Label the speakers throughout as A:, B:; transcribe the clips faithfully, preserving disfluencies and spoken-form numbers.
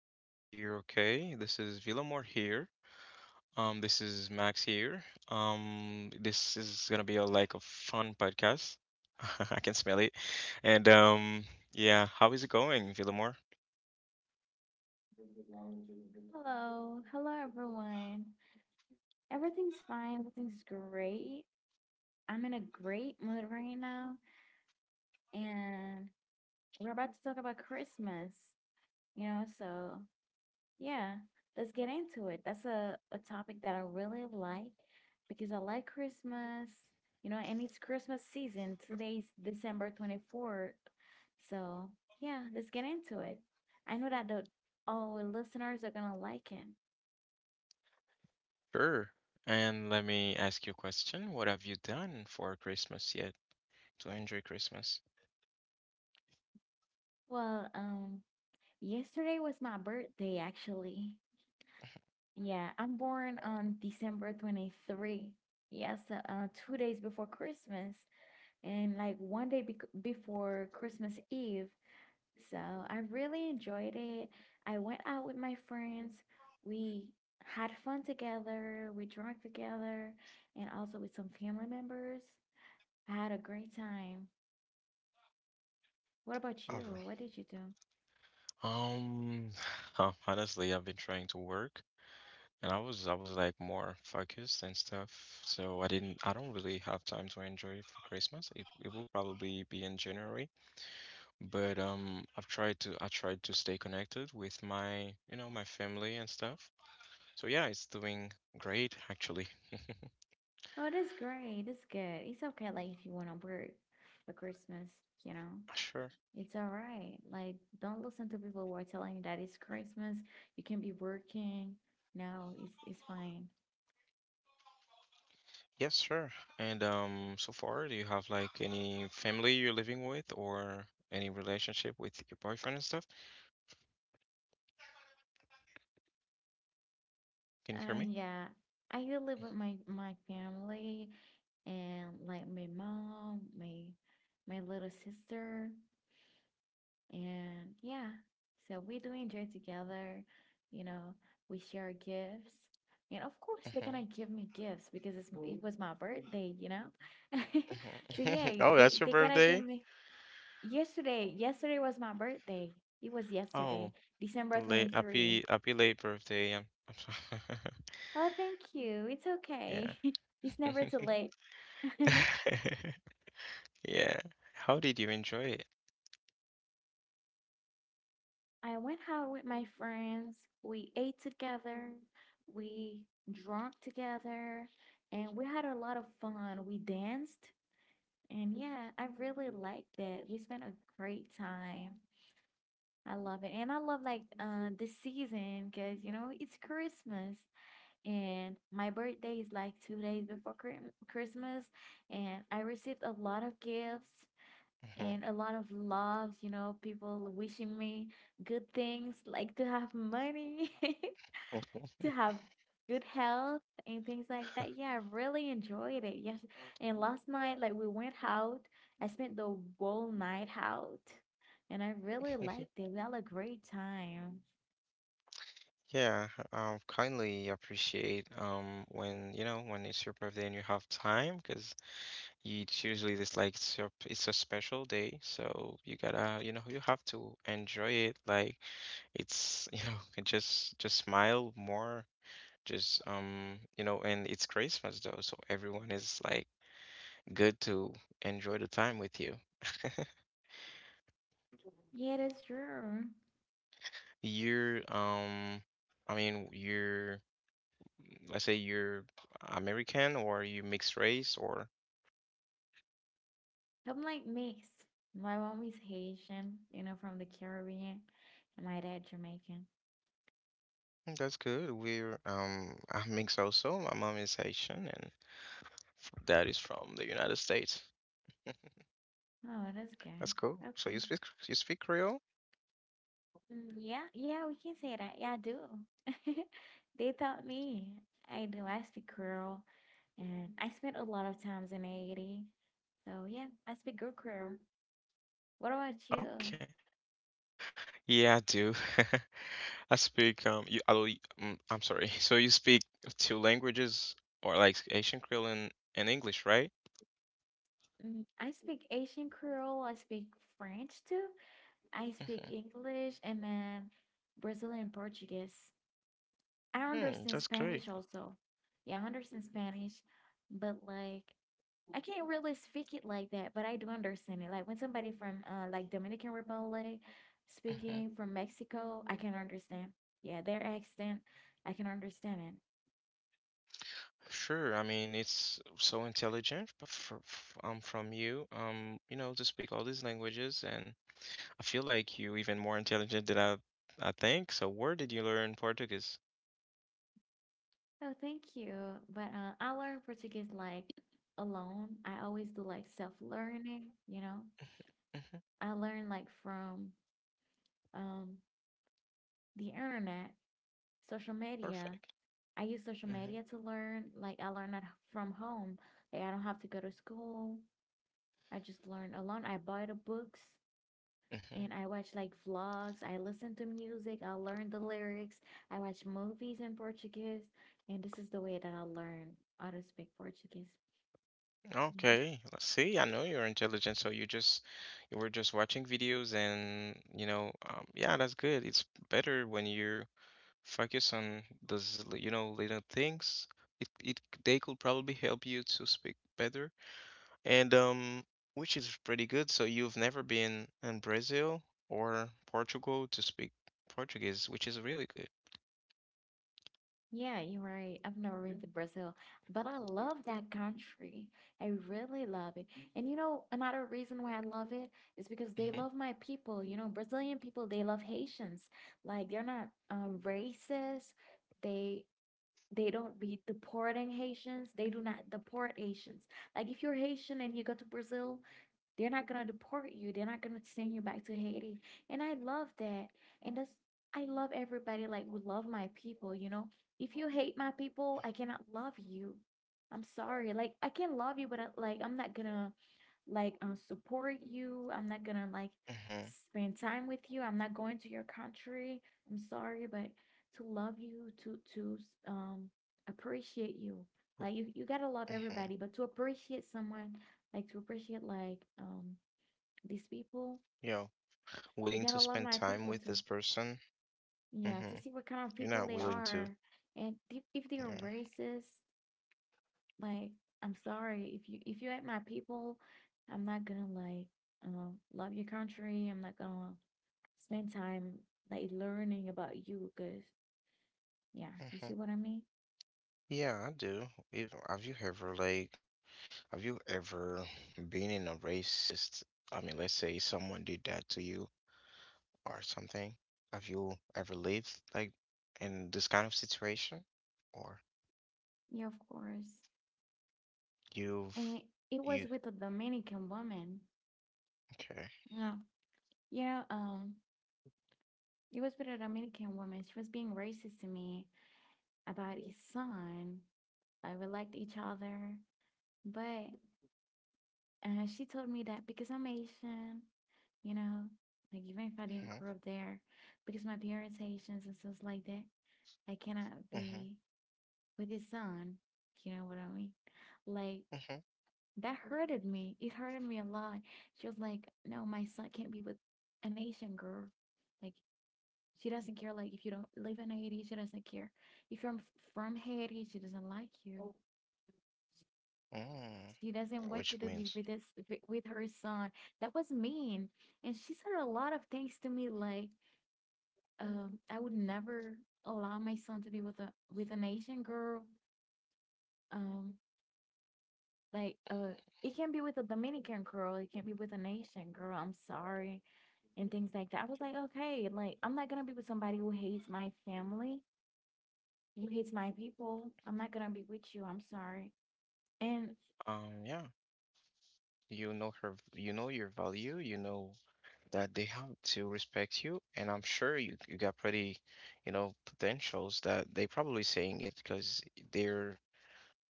A: I hope you're okay. This is Villamor here. Um, this is Max here. Um, this is gonna be a like a fun podcast. I can smell it. And um, yeah, how is it going, Villamor?
B: Hello, hello everyone. Everything's fine, everything's great. I'm in a great mood right now, and we're about to talk about Christmas, you know, so yeah, let's get into it. That's a, a topic that I really like because I like Christmas, you know, and it's Christmas season. Today's December twenty-fourth. So yeah, let's get into it. I know that the all our listeners are gonna like it.
A: Sure. And let me ask you a question. What have you done for Christmas yet to enjoy Christmas?
B: Well, um, Yesterday was my birthday, actually. Yeah, I'm born on December twenty-third. Yes, uh, uh, two days before Christmas and like one day bec before Christmas Eve. So I really enjoyed it. I went out with my friends. We had fun together. We drank together and also with some family members. I had a great time. What about you?
A: Alright.
B: What did you do?
A: Um, huh, honestly, I've been trying to work. And I was I was like more focused and stuff, so I didn't I don't really have time to enjoy it for Christmas. It it will probably be in January, but um I've tried to I tried to stay connected with my you know my family and stuff. So yeah, it's doing great actually.
B: Oh, that's great. That's good. It's okay, like if you want to work for Christmas, you know,
A: Sure.
B: it's all right. Like, don't listen to people who are telling you that it's Christmas. You can be working. No, it's it's fine.
A: Yes, sure. And um so far, do you have like any family you're living with or any relationship with your boyfriend and stuff? Can you hear
B: Uh,
A: me?
B: yeah, I do live with my my family and like my mom, my my little sister. And yeah, so we do enjoy together. You know, we share gifts. And of course, they're
A: Mhm,
B: gonna give me gifts because it's, it was my birthday, you know? So
A: mhm.
B: yeah,
A: Oh,
B: they,
A: that's your
B: they gotta give
A: birthday?
B: me. Yesterday, yesterday was my birthday. It was
A: Oh,
B: yesterday, December
A: late
B: 23.
A: happy happy late birthday. I'm, I'm sorry.
B: Oh, thank you. It's okay.
A: Yeah.
B: It's never too late.
A: Yeah. How did you enjoy it?
B: I went out with my friends. We ate together. We drank together. And we had a lot of fun. We danced. And yeah, I really liked it. We spent a great time. I love it. And I love like uh, the season because, you know, it's Christmas. And my birthday is like two days before Chri- Christmas. And I received a lot of gifts and a lot of love, you know, people wishing me good things, like to have money, to
A: Mhm.
B: have good health and things like that. Yeah, I really enjoyed it. Yes. And last night, like we went out, I spent the whole night out and I really liked it. We had a great time.
A: Yeah, um, kindly appreciate um when you know when it's your birthday and you have time, because it's usually this like it's your, it's a special day, so you gotta, you know, you have to enjoy it. Like it's, you know, and just just smile more, just um, you know, and it's Christmas though, so everyone is like good to enjoy the time with you.
B: Yeah, that's true.
A: You're um, I mean, you're, let's say you're American or you mixed race or
B: I'm like mixed. My mom is Haitian, you know, from the Caribbean, and my dad Jamaican.
A: mm, that's good. We're um, I'm mixed also. My mom is Haitian and f- dad is from the United States.
B: Oh, that's
A: That's
B: good.
A: cool. So you
B: Okay.
A: speak you speak Creole?
B: Mm, yeah, yeah, we can say that. Yeah, I do. They taught me. I do. I speak Creole, and I spent a lot of times in Haiti. So yeah, I speak good Creole. What about you?
A: Okay. Yeah, I do. I speak um you although y- mm, I'm sorry. So you speak two languages or like Asian Creole and, and English, right?
B: Mm, I speak Asian Creole. I speak French too. I
A: mm
B: speak
A: hmm
B: English and then Brazilian Portuguese. I
A: Hmm,
B: understand
A: that's great.
B: Spanish also. Yeah, I understand Spanish, but like I can't really speak it like that, but I do understand it. Like when somebody from uh like Dominican Republic
A: hmm
B: speaking from Mexico, I can understand. Yeah, their accent, I can understand it.
A: Sure. I mean, it's so intelligent f- f- f- um from you um you know to speak all these languages, and I feel like you even more intelligent than I I think. So where did you learn Portuguese?
B: Oh, thank you. But uh, I learned Portuguese like alone. I always do like self-learning, you know.
A: Hmm
B: I learn like from um the internet, social
A: Perfect.
B: media. I use social
A: Hmm
B: media to learn. Like I learn at from home. Like I don't have to go to school. I just learned a lot. I buy the books
A: hmm
B: and I watch like vlogs. I listen to music. I learn the lyrics. I watch movies in Portuguese. And this is the way that I learn how to speak Portuguese. Mhm.
A: Okay, let's see. I know you're intelligent, so you just you were just watching videos, and you know, um, yeah, that's good. It's better when you focus on those, li- you know, little things. It it they could probably help you to speak better. And um, which is pretty good. So you've never been in Brazil or Portugal to speak Portuguese, which is really good.
B: Yeah, you're right. I've never been to Brazil, but I love that country. I really love it. And you know, another reason why I love it is because they
A: Hmm
B: love my people. You know, Brazilian people, they love Haitians. Like they're not um, racist. They they don't be deporting Haitians. They do not deport Haitians. Like if you're Haitian and you go to Brazil, they're not going to deport you. They're not going to send you back to Haiti. And I love that. And that's, I love everybody. Like, we love my people, you know? If you hate my people, I cannot love you. I'm sorry. Like, I can love you, but I, like, I'm not going to, like, um, support you. I'm not going to, like,
A: Mm-hmm.
B: spend time with you. I'm not going to your country. I'm sorry, but to love you, to, to, um, appreciate you. Like you, you gotta love
A: Mm-hmm.
B: everybody, but to appreciate someone, like to appreciate like um these people.
A: You know, willing
B: They
A: to
B: gotta
A: spend
B: love my
A: time with
B: people
A: this
B: too.
A: person.
B: Yeah,
A: Mm-hmm.
B: to see what kind of
A: You're
B: people
A: not
B: they
A: willing to.
B: are, and if, if they are
A: Yeah.
B: racist, like I'm sorry if you if you ain't my people, I'm not gonna like uh, love your country. I'm not gonna spend time like learning about you, cause yeah, you
A: hmm
B: see what I mean.
A: Yeah, I do. If, have you ever like have you ever been in a racist? I mean, let's say someone did that to you or something. Have you ever lived like in this kind of situation? Or
B: Yeah, of course.
A: you've
B: And it was
A: you
B: with a Dominican woman.
A: okay.
B: Yeah. Yeah, um, it was with a Dominican woman. She was being racist to me. About his son. Like we liked each other, but uh, she told me that because I'm Asian, you know, like even if I didn't grow up there, because my parents Asians and stuff like that, I cannot
A: Mm-hmm. Mm-hmm.
B: be with his son. You know what I mean? Like
A: Mm-hmm.
B: that hurted me. It hurted me a lot. She was like, "No, my son can't be with an Asian girl. Like she doesn't care. Like if you don't live in Haiti, she doesn't care. If you're from Haiti, she doesn't like you."
A: Mm.
B: She doesn't want
A: Which
B: you to be
A: means
B: with this wi- with her son. That was mean. And she said a lot of things to me like, um, I would never allow my son to be with a with an Asian girl. Um, like uh it can be with a Dominican girl, it can be with an Asian girl, I'm sorry, and things like that. I was like, okay, like I'm not gonna be with somebody who hates my family, who hates my people. I'm not gonna be with you, I'm sorry. And
A: um yeah, you know her v- you know your value, you know that they have to respect you. And I'm sure you, you got pretty, you know, potentials that they probably saying it because they're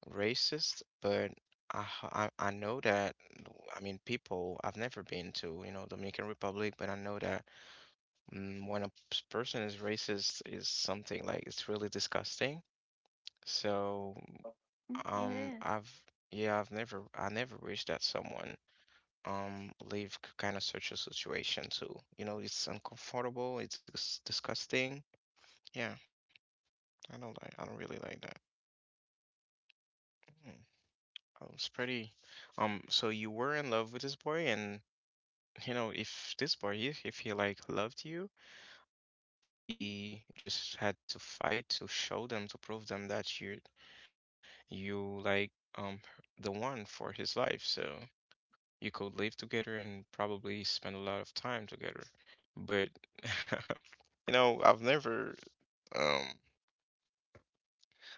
A: racist, but I, h- I I know that I mean people I've never been to, you know, Dominican Republic, but I know that mm, when a s- person is racist is something like it's really disgusting. So
B: it
A: um
B: is.
A: I've yeah, I've never I never wish that someone um live kind of such a situation too. You know, it's uncomfortable, it's dis- disgusting. Yeah, I don't like I don't really like that. Mm. Oh, it's pretty. Um, so you were in love with this boy, and you know, if this boy if, if he like loved you, I hope he just had to fight to show them to prove them that you you like um the one for his life. So you could live together and probably spend a lot of time together. But you know, I've never um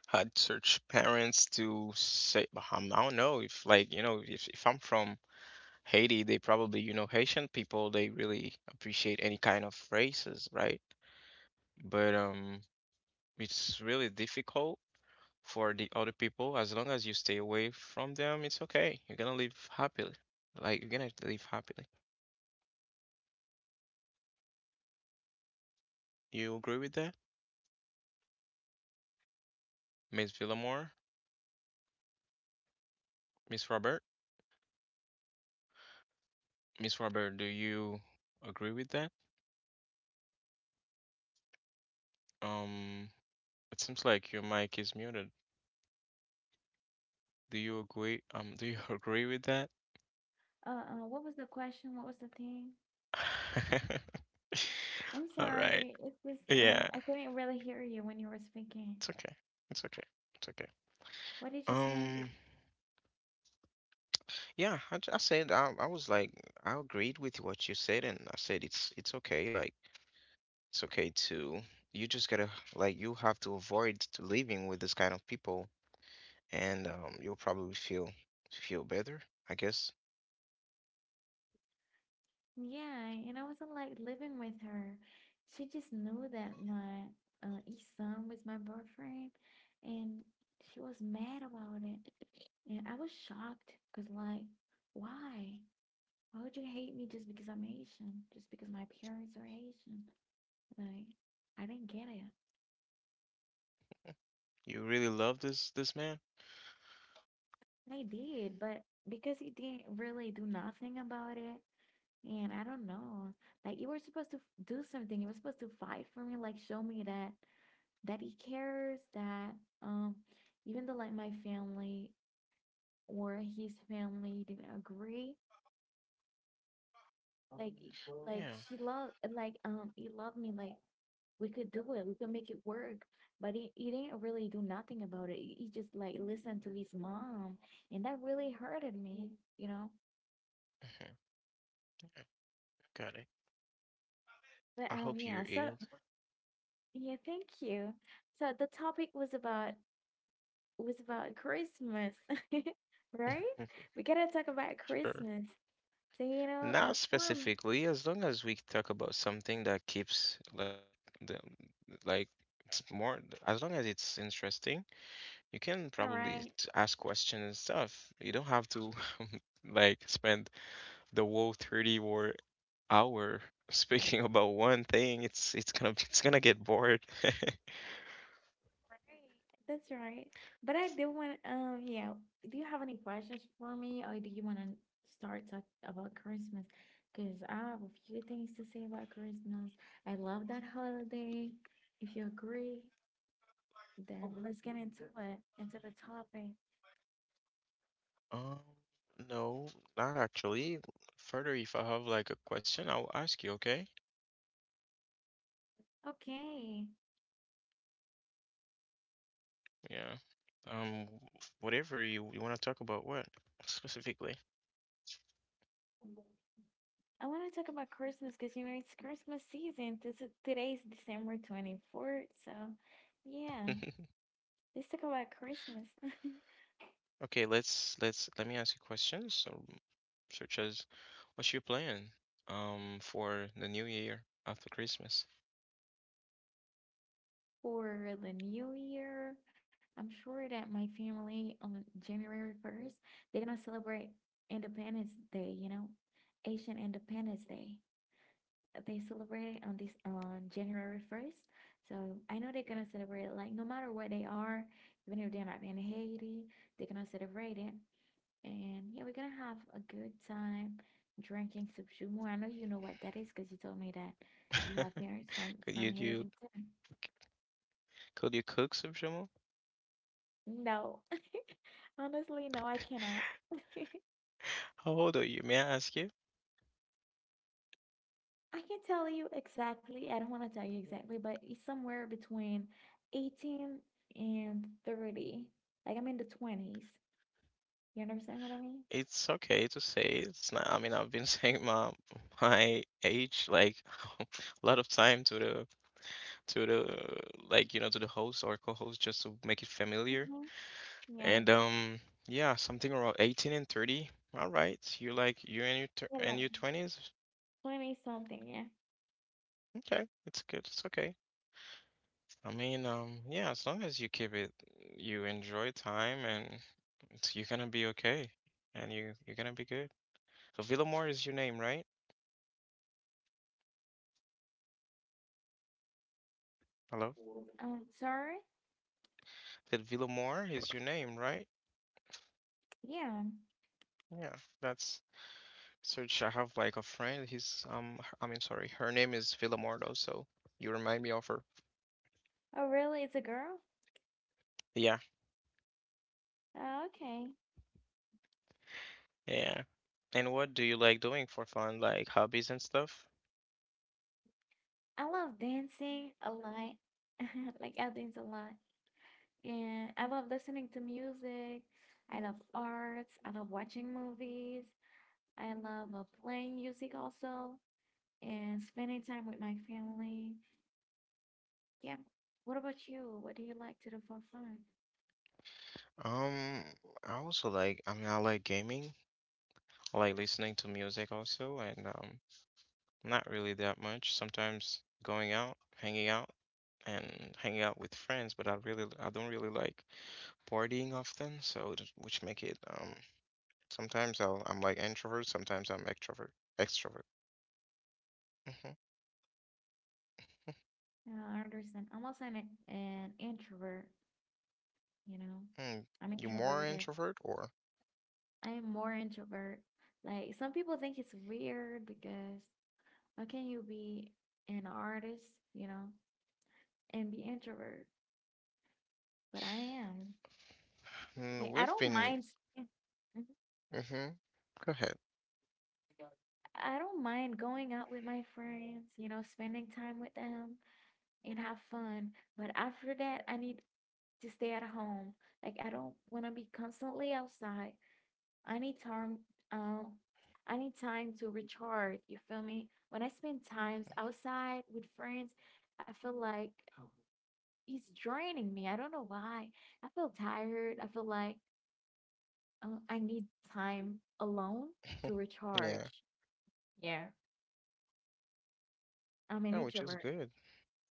A: had such parents to say, but I'm- I don't know if like, you know, if if I'm from Haiti, they probably, you know, Haitian people, they really appreciate any kind of races, right? But um it's really difficult for the other people. As long as you stay away from them, it's okay. You're gonna live happily. Like you're gonna live happily. You agree with that? Miss Villamore, Miss Robert? Miss Robert, do you agree with that? Um It seems like your mic is muted. Do you agree? Um, do you agree with that?
B: Uh, uh what was the question? What was the thing? I'm
A: All right.
B: sorry. It's just uh,
A: Yeah,
B: I couldn't really hear you when you were speaking.
A: it's okay. It's okay. It's okay.
B: What did you say?
A: Um, yeah, I, j- I said I, I was like I agreed with what you said, and I said it's it's okay. Like it's okay to you just gotta, like you have to avoid to living with this kind of people, and um, you'll probably feel feel better. I guess
B: Yeah, and I wasn't like living with her. She just knew that my uh, east son was my boyfriend, and she was mad about it. And I was shocked because, like, why? Why would you hate me just because I'm Asian? Just because my parents are Asian? Like, I didn't get it.
A: you really love this this man.
B: I did, but because he didn't really do nothing about it, and I don't know. Like you were supposed to f- do something. You were supposed to fight for me, like show me that that he cares, that um even though like my family or his family didn't agree, like y-
A: Yeah.
B: like
A: Mhm,
B: she loved like um he loved me like we could do it, we could make it work. But he, he didn't really do nothing about it. He he just like listened to his mom and that really hurted me, you know.
A: yeah. Got it.
B: But
A: I
B: um
A: hope
B: yeah,
A: you're
B: so
A: healed.
B: yeah, thank you. So the topic was about was about Christmas, right? We gotta talk about
A: Sure.
B: Christmas. So you know, uh,
A: Not
B: for m-
A: specifically, as long as we talk about something that keeps like the like it's more as long as it's interesting, you can
B: all
A: probably
B: right,
A: t- ask questions and stuff. You don't have to like spend the whole thirty or hour speaking about one thing. It's it's gonna it's gonna get bored.
B: right, that's right. But I do want, um, yeah. Do you have any questions for me, or do you want to start talk about Christmas? Because I have a few things to say about Christmas. I love that holiday. If you agree, then let's get into it, into the topic.
A: Um, no, not actually. Further, if I have like a question, I'll ask you, okay?
B: Okay.
A: Yeah. Um, whatever you you want to talk about, what specifically?
B: I want to talk about Christmas because you know it's Christmas season. This is, today's December twenty-fourth, so yeah, let's talk about Christmas
A: Okay, let's let's let me ask you questions, so, such as, what's your plan, um, for the new year after Christmas?
B: for the New Year. I'm sure that my family on January first, they're gonna celebrate Independence Day, you know, Asian Independence Day. They celebrate it on this on January first. So I know they're gonna celebrate it, like no matter where they are, even if they're not in Haiti, they're gonna celebrate it. And yeah, we're gonna have a good time drinking Subshumu. I know you know what that is because you told me that you have parents from
A: Could
B: from
A: you do
B: Haiti.
A: could you cook some Jamal?
B: No, honestly, no, I cannot.
A: How old are you? May I ask you?
B: I can tell you exactly. I don't want to tell you exactly, but it's somewhere between 18 and 30. Like I'm in the twenties. You understand what I mean?
A: It's okay to say it's not. I mean, I've been saying my my age like a lot of time to the to the like you know to the host or co-host just to make it familiar.
B: Hmm. Yeah.
A: And um, yeah, something around eighteen and thirty. All right, you like you and your tw-
B: Yeah,
A: and
B: like
A: your twenties.
B: twenty something, yeah.
A: Okay, it's good. It's okay. I mean, um, yeah, as long as you keep it, you enjoy time, and it's, you're gonna be okay, and you you're gonna be good. So Villamor is your name, right? Hello,
B: Um, sorry?
A: that Villamor is your name, right?
B: Yeah.
A: Yeah, that's search. I have like a friend. He's um, h- I mean, sorry, her name is Villamor, though. So you remind me of her.
B: Oh, really? It's a girl?
A: Yeah.
B: Oh, okay.
A: Yeah. And what do you like doing for fun, like hobbies and stuff?
B: I love dancing a lot. Like I dance a lot. And I love listening to music. I love arts. I love watching movies. I love uh, playing music also and spending time with my family. Yeah. What about you? What do you like to do for fun?
A: Um, I also like, I mean, I like gaming. I like listening to music also, and um, not really that much. Sometimes going out, hanging out, and hanging out with friends, but I really, I don't really like partying often, so it- which make it um, sometimes I'll, I'm like introvert, sometimes I'm extrovert, extrovert. Mm-hmm.
B: You know, I understand. I'm also an, an introvert, you know.
A: Mm.
B: I'm
A: You more
B: introverted.
A: introvert or?
B: I am more introvert. Like some people think it's weird because how can you be an artist, you know, and be introvert? But I am.
A: Mm,
B: Like I
A: we've
B: don't
A: been.
B: mind staying- Mhm.
A: Mm-hmm. Go ahead.
B: I don't mind going out with my friends, you know, spending time with them and have fun. But after that, I need to stay at home. Like I don't want to be constantly outside. I need time. Um, I need time to recharge. You feel me? When I spend times outside with friends, I feel like he's draining me. I don't know why. I feel tired. I feel like uh, I need time alone to
A: Yeah.
B: recharge. Yeah, I'm an
A: Yeah, which is
B: introvert.
A: good.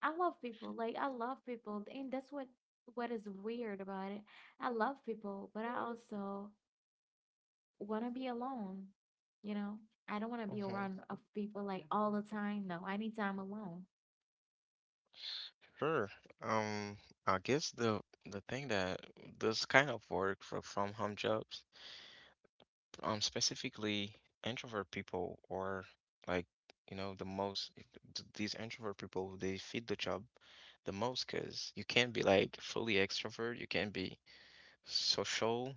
B: I love people. Like I love people, and that's what what is weird about it. I love people, but I also want to be alone. You know, I don't want to be
A: hmm
B: around of people like all the time. No, I need time alone.
A: Sure. Um, I guess the the thing that this kind of work for from home jobs, um, specifically introvert people or like you know the most, th- these introvert people they fit the job the most, because you can't be like fully extrovert, you can't be social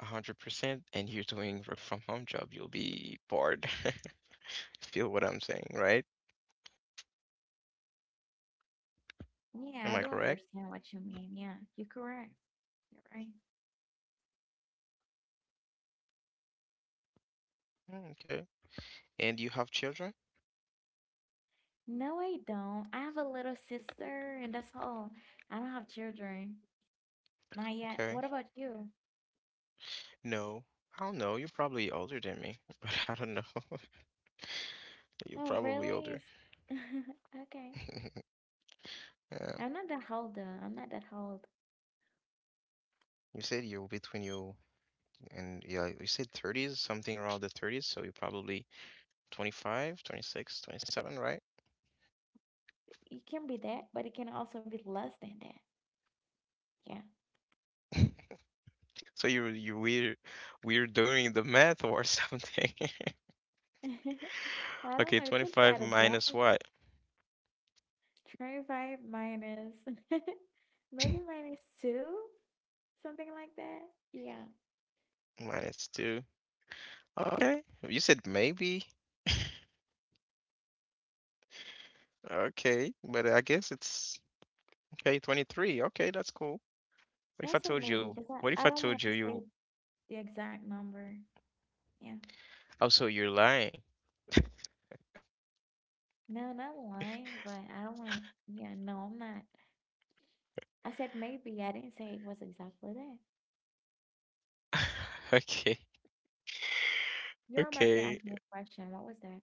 A: a hundred percent, and you're doing work from home job, you'll be bored. Feel what I'm saying, right?
B: Yeah,
A: Am
B: I
A: I
B: don't
A: correct?
B: understand what you mean. Yeah, you're correct. You're right.
A: Mm. Okay. And you have children?
B: No, I don't. I have a little sister, and that's all. I don't have children. Not yet.
A: Okay.
B: What about you?
A: No. I don't know. You're probably older than me, but I don't know. You're
B: Oh,
A: probably
B: really?
A: older.
B: It's- Okay.
A: Yeah.
B: I'm not that old, though. I'm not that old.
A: You said you're between you and yeah, you said thirties, something around the thirties, so you're probably twenty-five, twenty-six, twenty-seven,
B: It can be that, but it can also be less than that. Yeah.
A: right? So you you we're we're doing the math or something.
B: I don't
A: Okay,
B: know. You can try
A: twenty-five
B: to
A: minus
B: guess.
A: what?
B: twenty-five minus. Maybe minus two? Something like that. Yeah.
A: Minus two. Okay. You said maybe. Okay, but I guess it's okay, twenty-three. Okay, that's cool. What if I
B: Yes, and
A: told
B: maybe,
A: you?
B: because
A: What if
B: I, I
A: I
B: don't want
A: told you
B: to say
A: you
B: the exact number. Yeah.
A: oh, so you're lying.
B: No, not lying, but I don't want to. Yeah, no, I'm not. I said maybe. I didn't say it was exactly that.
A: Okay.
B: You were about to
A: Okay.
B: ask me a question. What was that?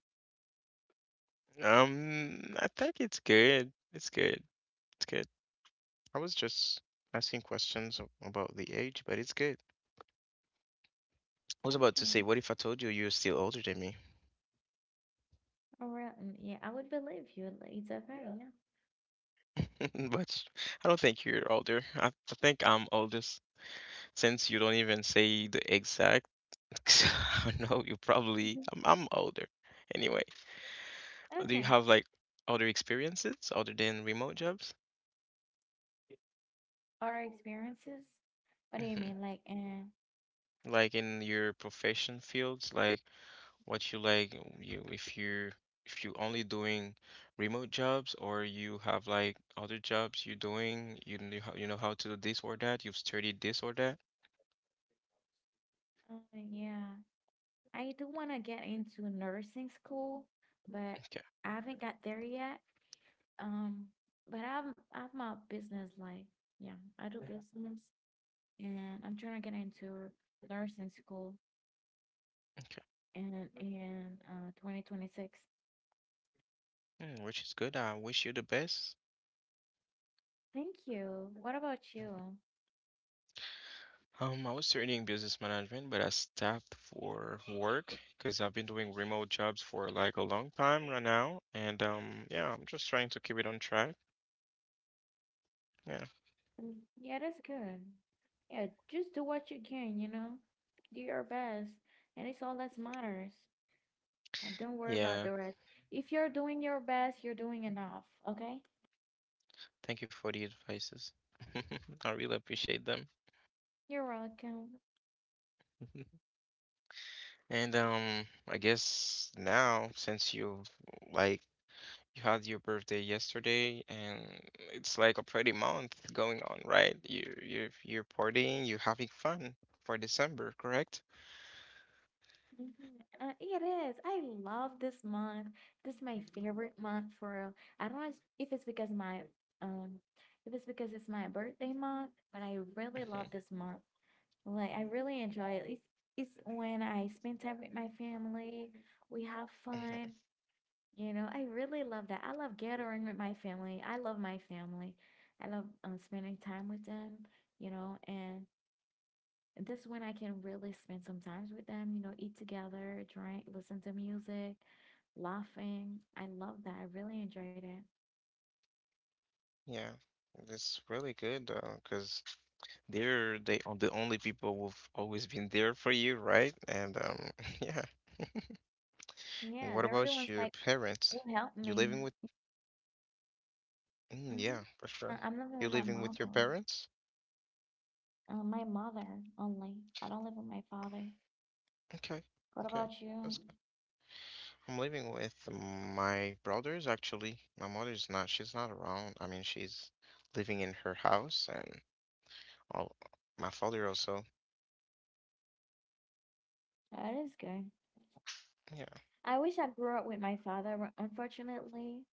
A: Um, I think it's good. It's good. It's good. I was just asking questions a- about the age, but it's good. I was about to say,
B: Okay.
A: what if I told you you're still older than me?
B: All right. mm, Yeah, I would believe you. like, It's okay. Yeah.
A: But I don't think you're older. I, I think I'm oldest since you don't even say the exact. So, I don't know, you probably,
B: Yeah.
A: I'm, I'm older. Anyway,
B: Mhm.
A: do you
B: Okay.
A: have like other experiences other than remote jobs?
B: Our experiences? What do you mean? Like, uh,
A: Like in your profession fields, like, what you like, you if you if you only doing remote jobs, or you have like other jobs you're doing, you know how, you know how to do this or that, you've studied this or that?
B: uh, yeah, I do want to get into nursing school, but
A: Okay.
B: I haven't got there yet. Um, but I'm I have my business. Like, yeah, I do business. And I'm trying to get into nursing school
A: Okay.
B: in in uh twenty twenty-six.
A: Mm, which is good. I wish you the best.
B: Thank you. What about you?
A: um I was studying business management, but I stopped for work because I've been doing remote jobs for like a long time right now. And um yeah, I'm just trying to keep it on track. Yeah.
B: Mm, yeah, that's good. Yeah, just do what you can, you know. Do your best, and it's all that matters. And don't worry about
A: Yeah.
B: the rest. If you're doing your best, you're doing enough, okay?
A: Thank you for the advices. I really appreciate them.
B: You're welcome.
A: And um, I guess, now since you, like, you had your birthday yesterday, and it's like a pretty month going on, right? You you you're partying, you're having fun for December, correct?
B: Mhm. Uh, it is. I love this month. This is my favorite month for real. I don't know it's- if it's because my um if it's because it's my birthday month, but I really
A: Mhm.
B: love this month. Like I really enjoy it. It's it's when I spend time with my family. We have
A: Mhm.
B: fun. You know, I really love that. I love gathering with my family. I love my family. I love um, spending time with them, you know, and this when I can really spend some time with them, you know, eat together, drink, listen to music, laughing. I love that. I really enjoyed it.
A: Yeah, that's really good, uh, 'cause they're they are the only people who've always been there for you, right? And um, yeah. And
B: Yeah,
A: what
B: they're the
A: about
B: ones
A: your
B: like
A: parents?
B: who helped
A: You
B: me.
A: living with... Mm, yeah, for
B: Mm-hmm.
A: sure.
B: I'm living with
A: You're
B: my
A: living with your
B: mother.
A: parents?
B: Uh, my mother only. I don't live with my father.
A: Okay,
B: What
A: okay.
B: about you?
A: That's good. I'm living with my brothers, actually. My mother's not, she's not around. I mean, she's living in her house, and all my father also.
B: That is good.
A: Yeah.
B: I wish I grew up with my father, but unfortunately,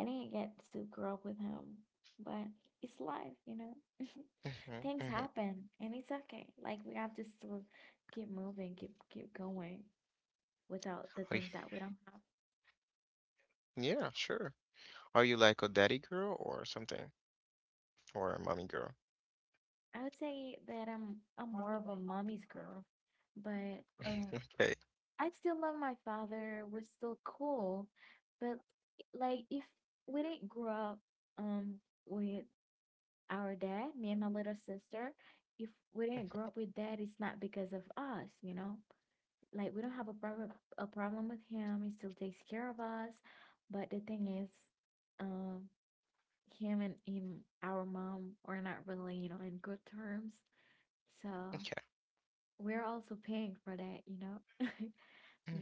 B: I didn't get to grow up with him, but it's life, you know.
A: Hmm.
B: Things
A: Hmm.
B: happen, and it's okay. Like we have to still keep moving, keep keep going without the
A: Are you...
B: things that we don't have.
A: yeah, sure. Are you like a daddy girl or something? Or a mommy girl?
B: I would say that I'm I'm more of a mommy's girl, but um,
A: Okay.
B: I still love my father. We're still cool, but like if we didn't grow up um with our dad, me and my little sister, if we didn't grow up with dad, it's not because of us, you know. Like we don't have a problem a problem with him. He still takes care of us. But the thing is, um, him and him, our mom are not really, you know, in good terms. So
A: Okay.
B: we're also paying for that, you know.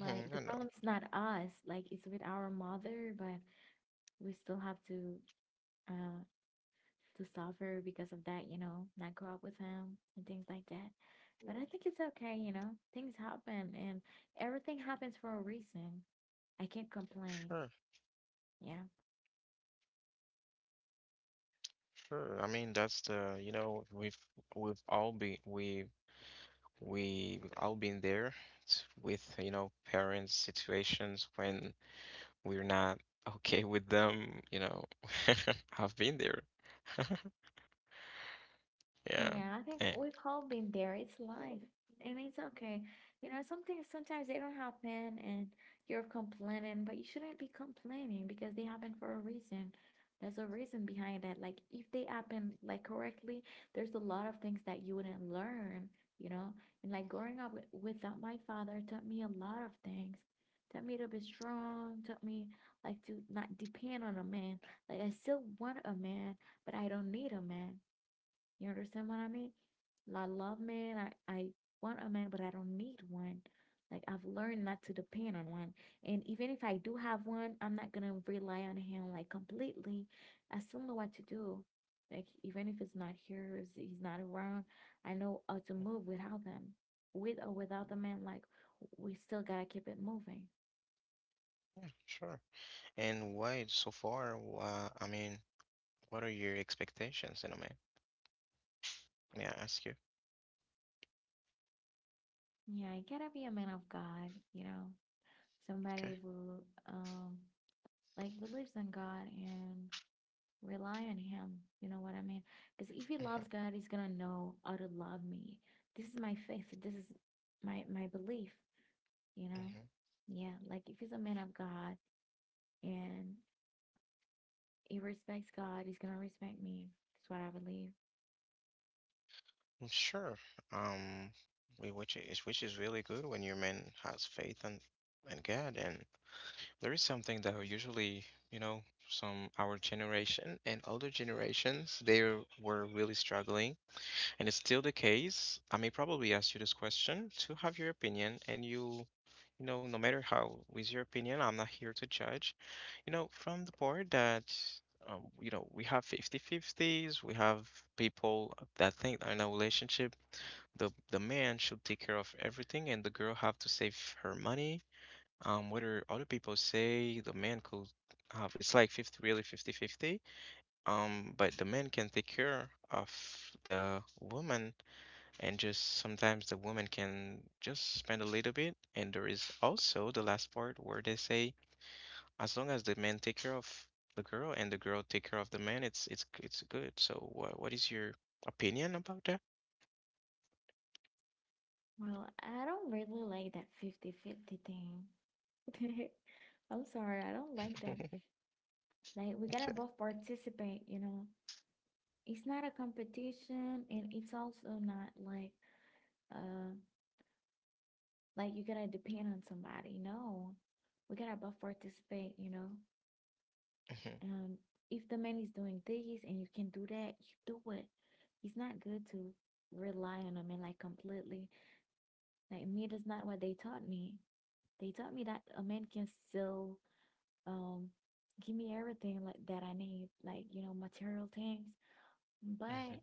B: Like the
A: I know.
B: problem is not us, like it's with our mother, but we still have to uh to suffer because of that, you know, not grow up with him and things like that. But I think it's okay, you know, things happen and everything happens for a reason. I can't complain.
A: Sure.
B: Yeah.
A: Sure. I mean, that's the, you know, we've we've all been we We we've all been there, s- with, you know, parents' situations when we're not okay with them, you know. I've been there. Yeah.
B: Yeah, I think
A: And
B: we've all been there. It's life, and it's okay. You know, something sometimes they don't happen, and you're complaining, but you shouldn't be complaining because they happen for a reason. There's a reason behind that. Like if they happen like correctly, there's a lot of things that you wouldn't learn, you know. And like growing up with, without my father taught me a lot of things. Taught me to be strong, taught me like to not depend on a man. Like I still want a man, but I don't need a man, you understand what I mean? Like, I love men. I, I want a man, but I don't need one. Like I've learned not to depend on one. And even if I do have one, I'm not gonna rely on him like completely. I still know what to do. Like even if it's not here, he's not around, I know how to move without them. With or without the man, like we still gotta keep it moving.
A: yeah, sure. And why so far, uh, I mean, what are your expectations, you know, man? May I ask you?
B: Yeah, you gotta be a man of God, you know. Somebody
A: Okay.
B: who um like believes in God and rely on him, you know what I mean? Because if he loves
A: Hmm.
B: God, he's gonna know how to love me. This is my faith, this is my my belief, you know.
A: Hmm.
B: Yeah, like if he's a man of God and he respects God, he's gonna respect me. That's what I believe.
A: Sure. Um, we- which is which is really good when your man has faith in in God. And there is something that usually, you know, some our generation and older generations, they were really struggling, and it's still the case. I may probably ask you this question to have your opinion, and you, you know, no matter how, with your opinion, I'm not here to judge. You know, from the board that, um, you know, we have fifty-fifties. We have people that think that in a relationship, the the man should take care of everything, and the girl have to save her money. Um, whether other people say the man could have, it's like fifty, really fifty-fifty. Um, but the man can take care of the woman, and just sometimes the woman can just spend a little bit. And there is also the last part where they say, as long as the man take care of the girl and the girl take care of the man, it's it's it's good. So, what what is your opinion about that?
B: Well, I don't really like that fifty fifty thing. I'm sorry, I don't like that. Like we
A: Okay.
B: gotta both participate, you know. It's not a competition and it's also not like uh like you gotta depend on somebody. No, we gotta both participate, you know.
A: Mhm.
B: Um, if the man is doing this and you can do that, you do it. It's not good to rely on a man like completely. Like me, that's not what they taught me. They taught me that a man can still um give me everything like that I need, like you know, material things.
A: Mhm.
B: But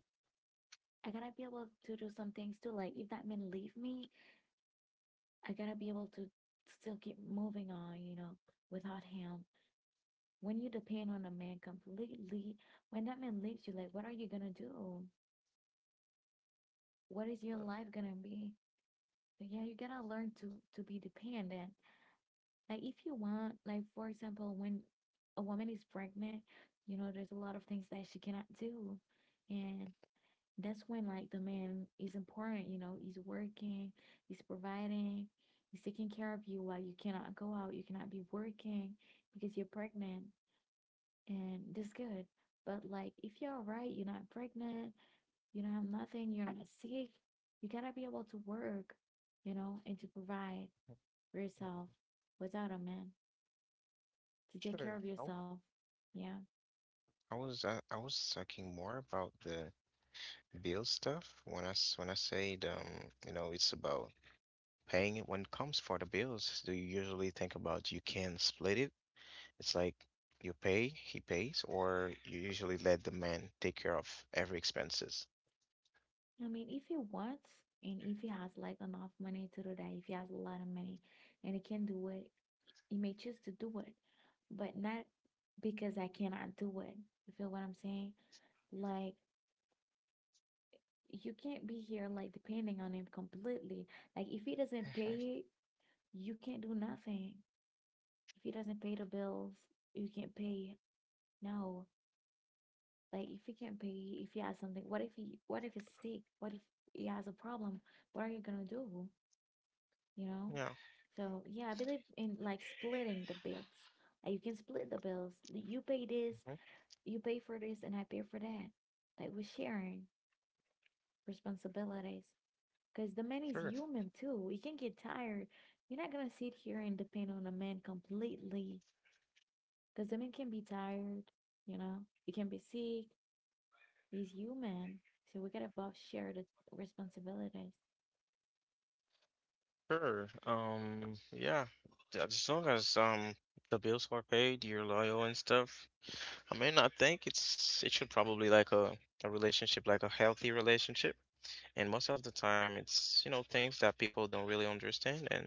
B: I gotta be able to do some things too. Like if that man leave me, I gotta be able to still keep moving on, you know, without him. When you depend on a man completely, when that man leaves you, like, what are you gonna do? What is your life gonna be? So yeah, you gotta learn to to be dependent. Like if you want, like for example, when a woman is pregnant, you know, there's a lot of things that she cannot do, and that's when like the man is important. You know, he's working, he's providing, he's taking care of you while you cannot go out, you cannot be working because you're pregnant and that's good. But like, if you're alright, you're not pregnant, you don't have nothing, you're not sick, you gotta be able to work, you know, and to provide for yourself without a man to take care
A: Sure.
B: of
A: I w-
B: yourself. Yeah.
A: I was uh, I was talking more about the bill stuff. When I s- when I say the, um, you know, it's about paying it when it comes for the bills. Do you usually think about you can split it? It's like you pay, he pays, or you usually let the man take care of every expenses.
B: I mean, if he wants and if he has like enough money to do that, if he has a lot of money and he can do it, he may choose to do it, but not because I cannot do it. You feel what I'm saying? Like, you can't be here like depending on him completely. Like if he doesn't
A: Mm-hmm.
B: pay it, you can't do nothing. If he doesn't pay the bills, you can't pay. No, like if he can't pay, if he has something, what if he, what if he's sick? What if he has a problem? What are you gonna do? You know.
A: Yeah,
B: So yeah, I believe in like splitting the bills. Like you can split the bills. You pay this,
A: mhm,
B: you pay for this, and I pay for that. Like we're sharing responsibilities. Because the man is
A: sure,
B: human too. He can get tired. You're not gonna sit here and depend on a man completely. Because the man can be tired, you know, he can be sick. He's human. So we gotta both share the responsibilities.
A: sure. Um, yeah, th- as long as um the bills are paid, you're loyal and stuff. I mean, I think it's it should probably like a a relationship, like a healthy relationship. And most of the time, it's, you know, things that people don't really understand, and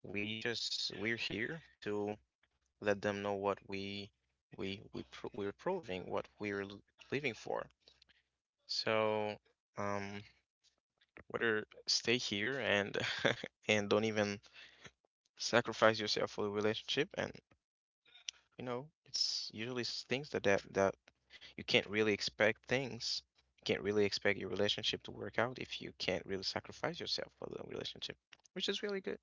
A: we just we're here to let them know what we we we pro we're proving, what we're l- living for. So, um, whether stay here and and don't even sacrifice yourself for the relationship, and you know, it's usually s- things that that that you can't really expect things. You can't really expect your relationship to work out if you can't really sacrifice yourself for the relationship, which is really good.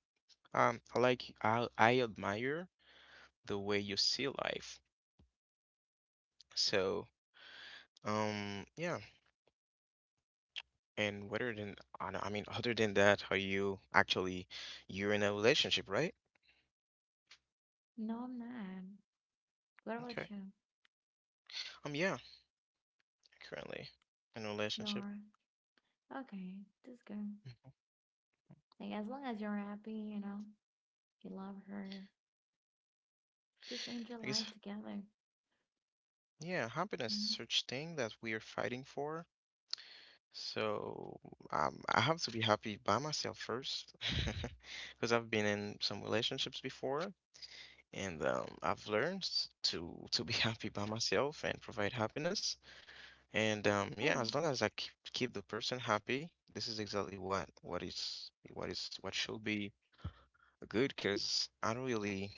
A: Um, I like I I admire the way you see life. So, um, yeah, and whether than I don't- I mean, other than that, how you actually you're in a relationship, right?
B: No, I'm not. What
A: Okay.
B: about you?
A: Um, yeah, currently in a relationship.
B: You're okay. That's good.
A: Mhm.
B: Like as long as you're happy, you know, you love her. Just end your
A: I
B: life
A: guess,
B: together.
A: yeah, happiness is
B: Hmm.
A: such thing that we are fighting for. So, um, I have to be happy by myself first, because I've been in some relationships before, and um, I've learned to to be happy by myself and provide happiness. And um, yeah,
B: Hey,
A: as long as I keep, keep the person happy, this is exactly what what is what is what should be good. Because I don't really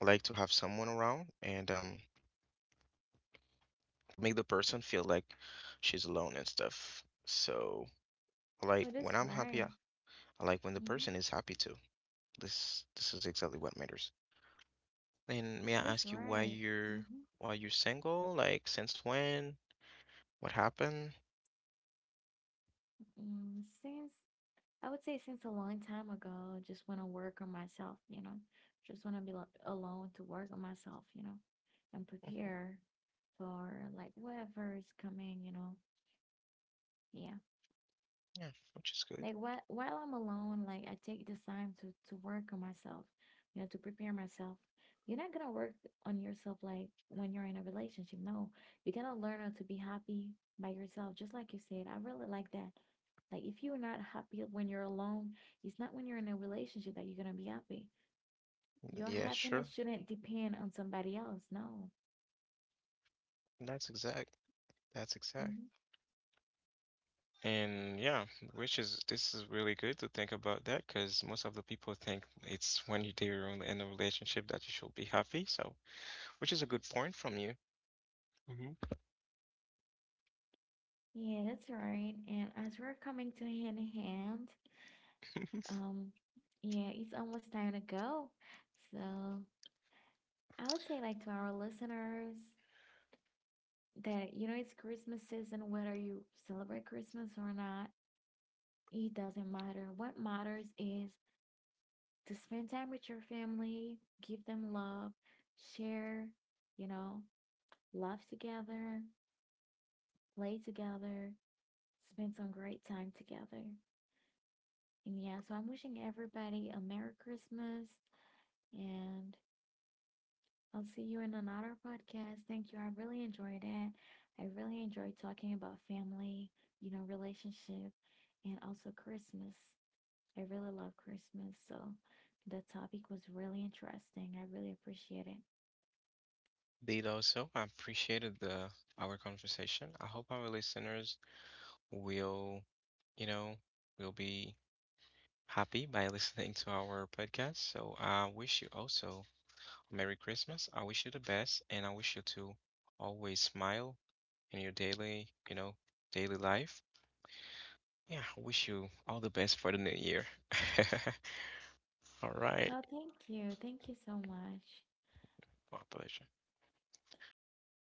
A: like to have someone around and um, to make the person feel like she's alone and stuff. So
B: well,
A: like
B: that's
A: when I'm happy,
B: right.
A: I, I like when the
B: Hmm.
A: person is happy too. This this is exactly what matters. And may I
B: That's
A: ask you why
B: right.
A: you're
B: Mm-hmm.
A: why you're single? Like, since when? What happened?
B: Mm, since I would say since a long time ago, just want to work on myself, you know, just want to be lo- alone to work on myself, you know, and
A: Mhm.
B: prepare for like whatever is coming, you know. Yeah.
A: Yeah, which is good.
B: Like while while I'm alone, like I take this time to to work on myself, you know, to prepare myself. You're not gonna work on yourself like when you're in a relationship. No, you're gonna learn how to be happy by yourself, just like you said. I really like that. Like if you're not happy when you're alone, it's not when you're in a relationship that you're gonna be happy. Your
A: Yeah, sure.
B: happiness shouldn't depend on somebody else. No.
A: That's exact. That's exact.
B: Mhm.
A: And yeah, which is this is really good to think about that because most of the people think it's when you do in in a relationship that you should be happy. So, which is a good point from you. Hmm.
B: Yeah, that's right. And as we're coming to hand in hand, Um, yeah, it's almost time to go. So I would say like to our listeners that you know it's Christmas season, whether you celebrate Christmas or not, it doesn't matter. What matters is to spend time with your family, give them love, share, you know, love together, play together, spend some great time together. And yeah, so I'm wishing everybody a Merry Christmas and I'll see you in another podcast. Thank you. I really enjoyed it. I really enjoyed talking about family, you know, relationship, and also Christmas. I really love Christmas. So the topic was really interesting. I really appreciate it.
A: Did also, I appreciated the our conversation. I hope our listeners will, you know, will be happy by listening to our podcast. So I wish you also Merry Christmas. I wish you the best, and I wish you to always smile in your daily, you know, daily life. Yeah, I wish you all the best for the new year. All right.
B: Oh, thank you. Thank you so much.
A: My pleasure.
B: All right.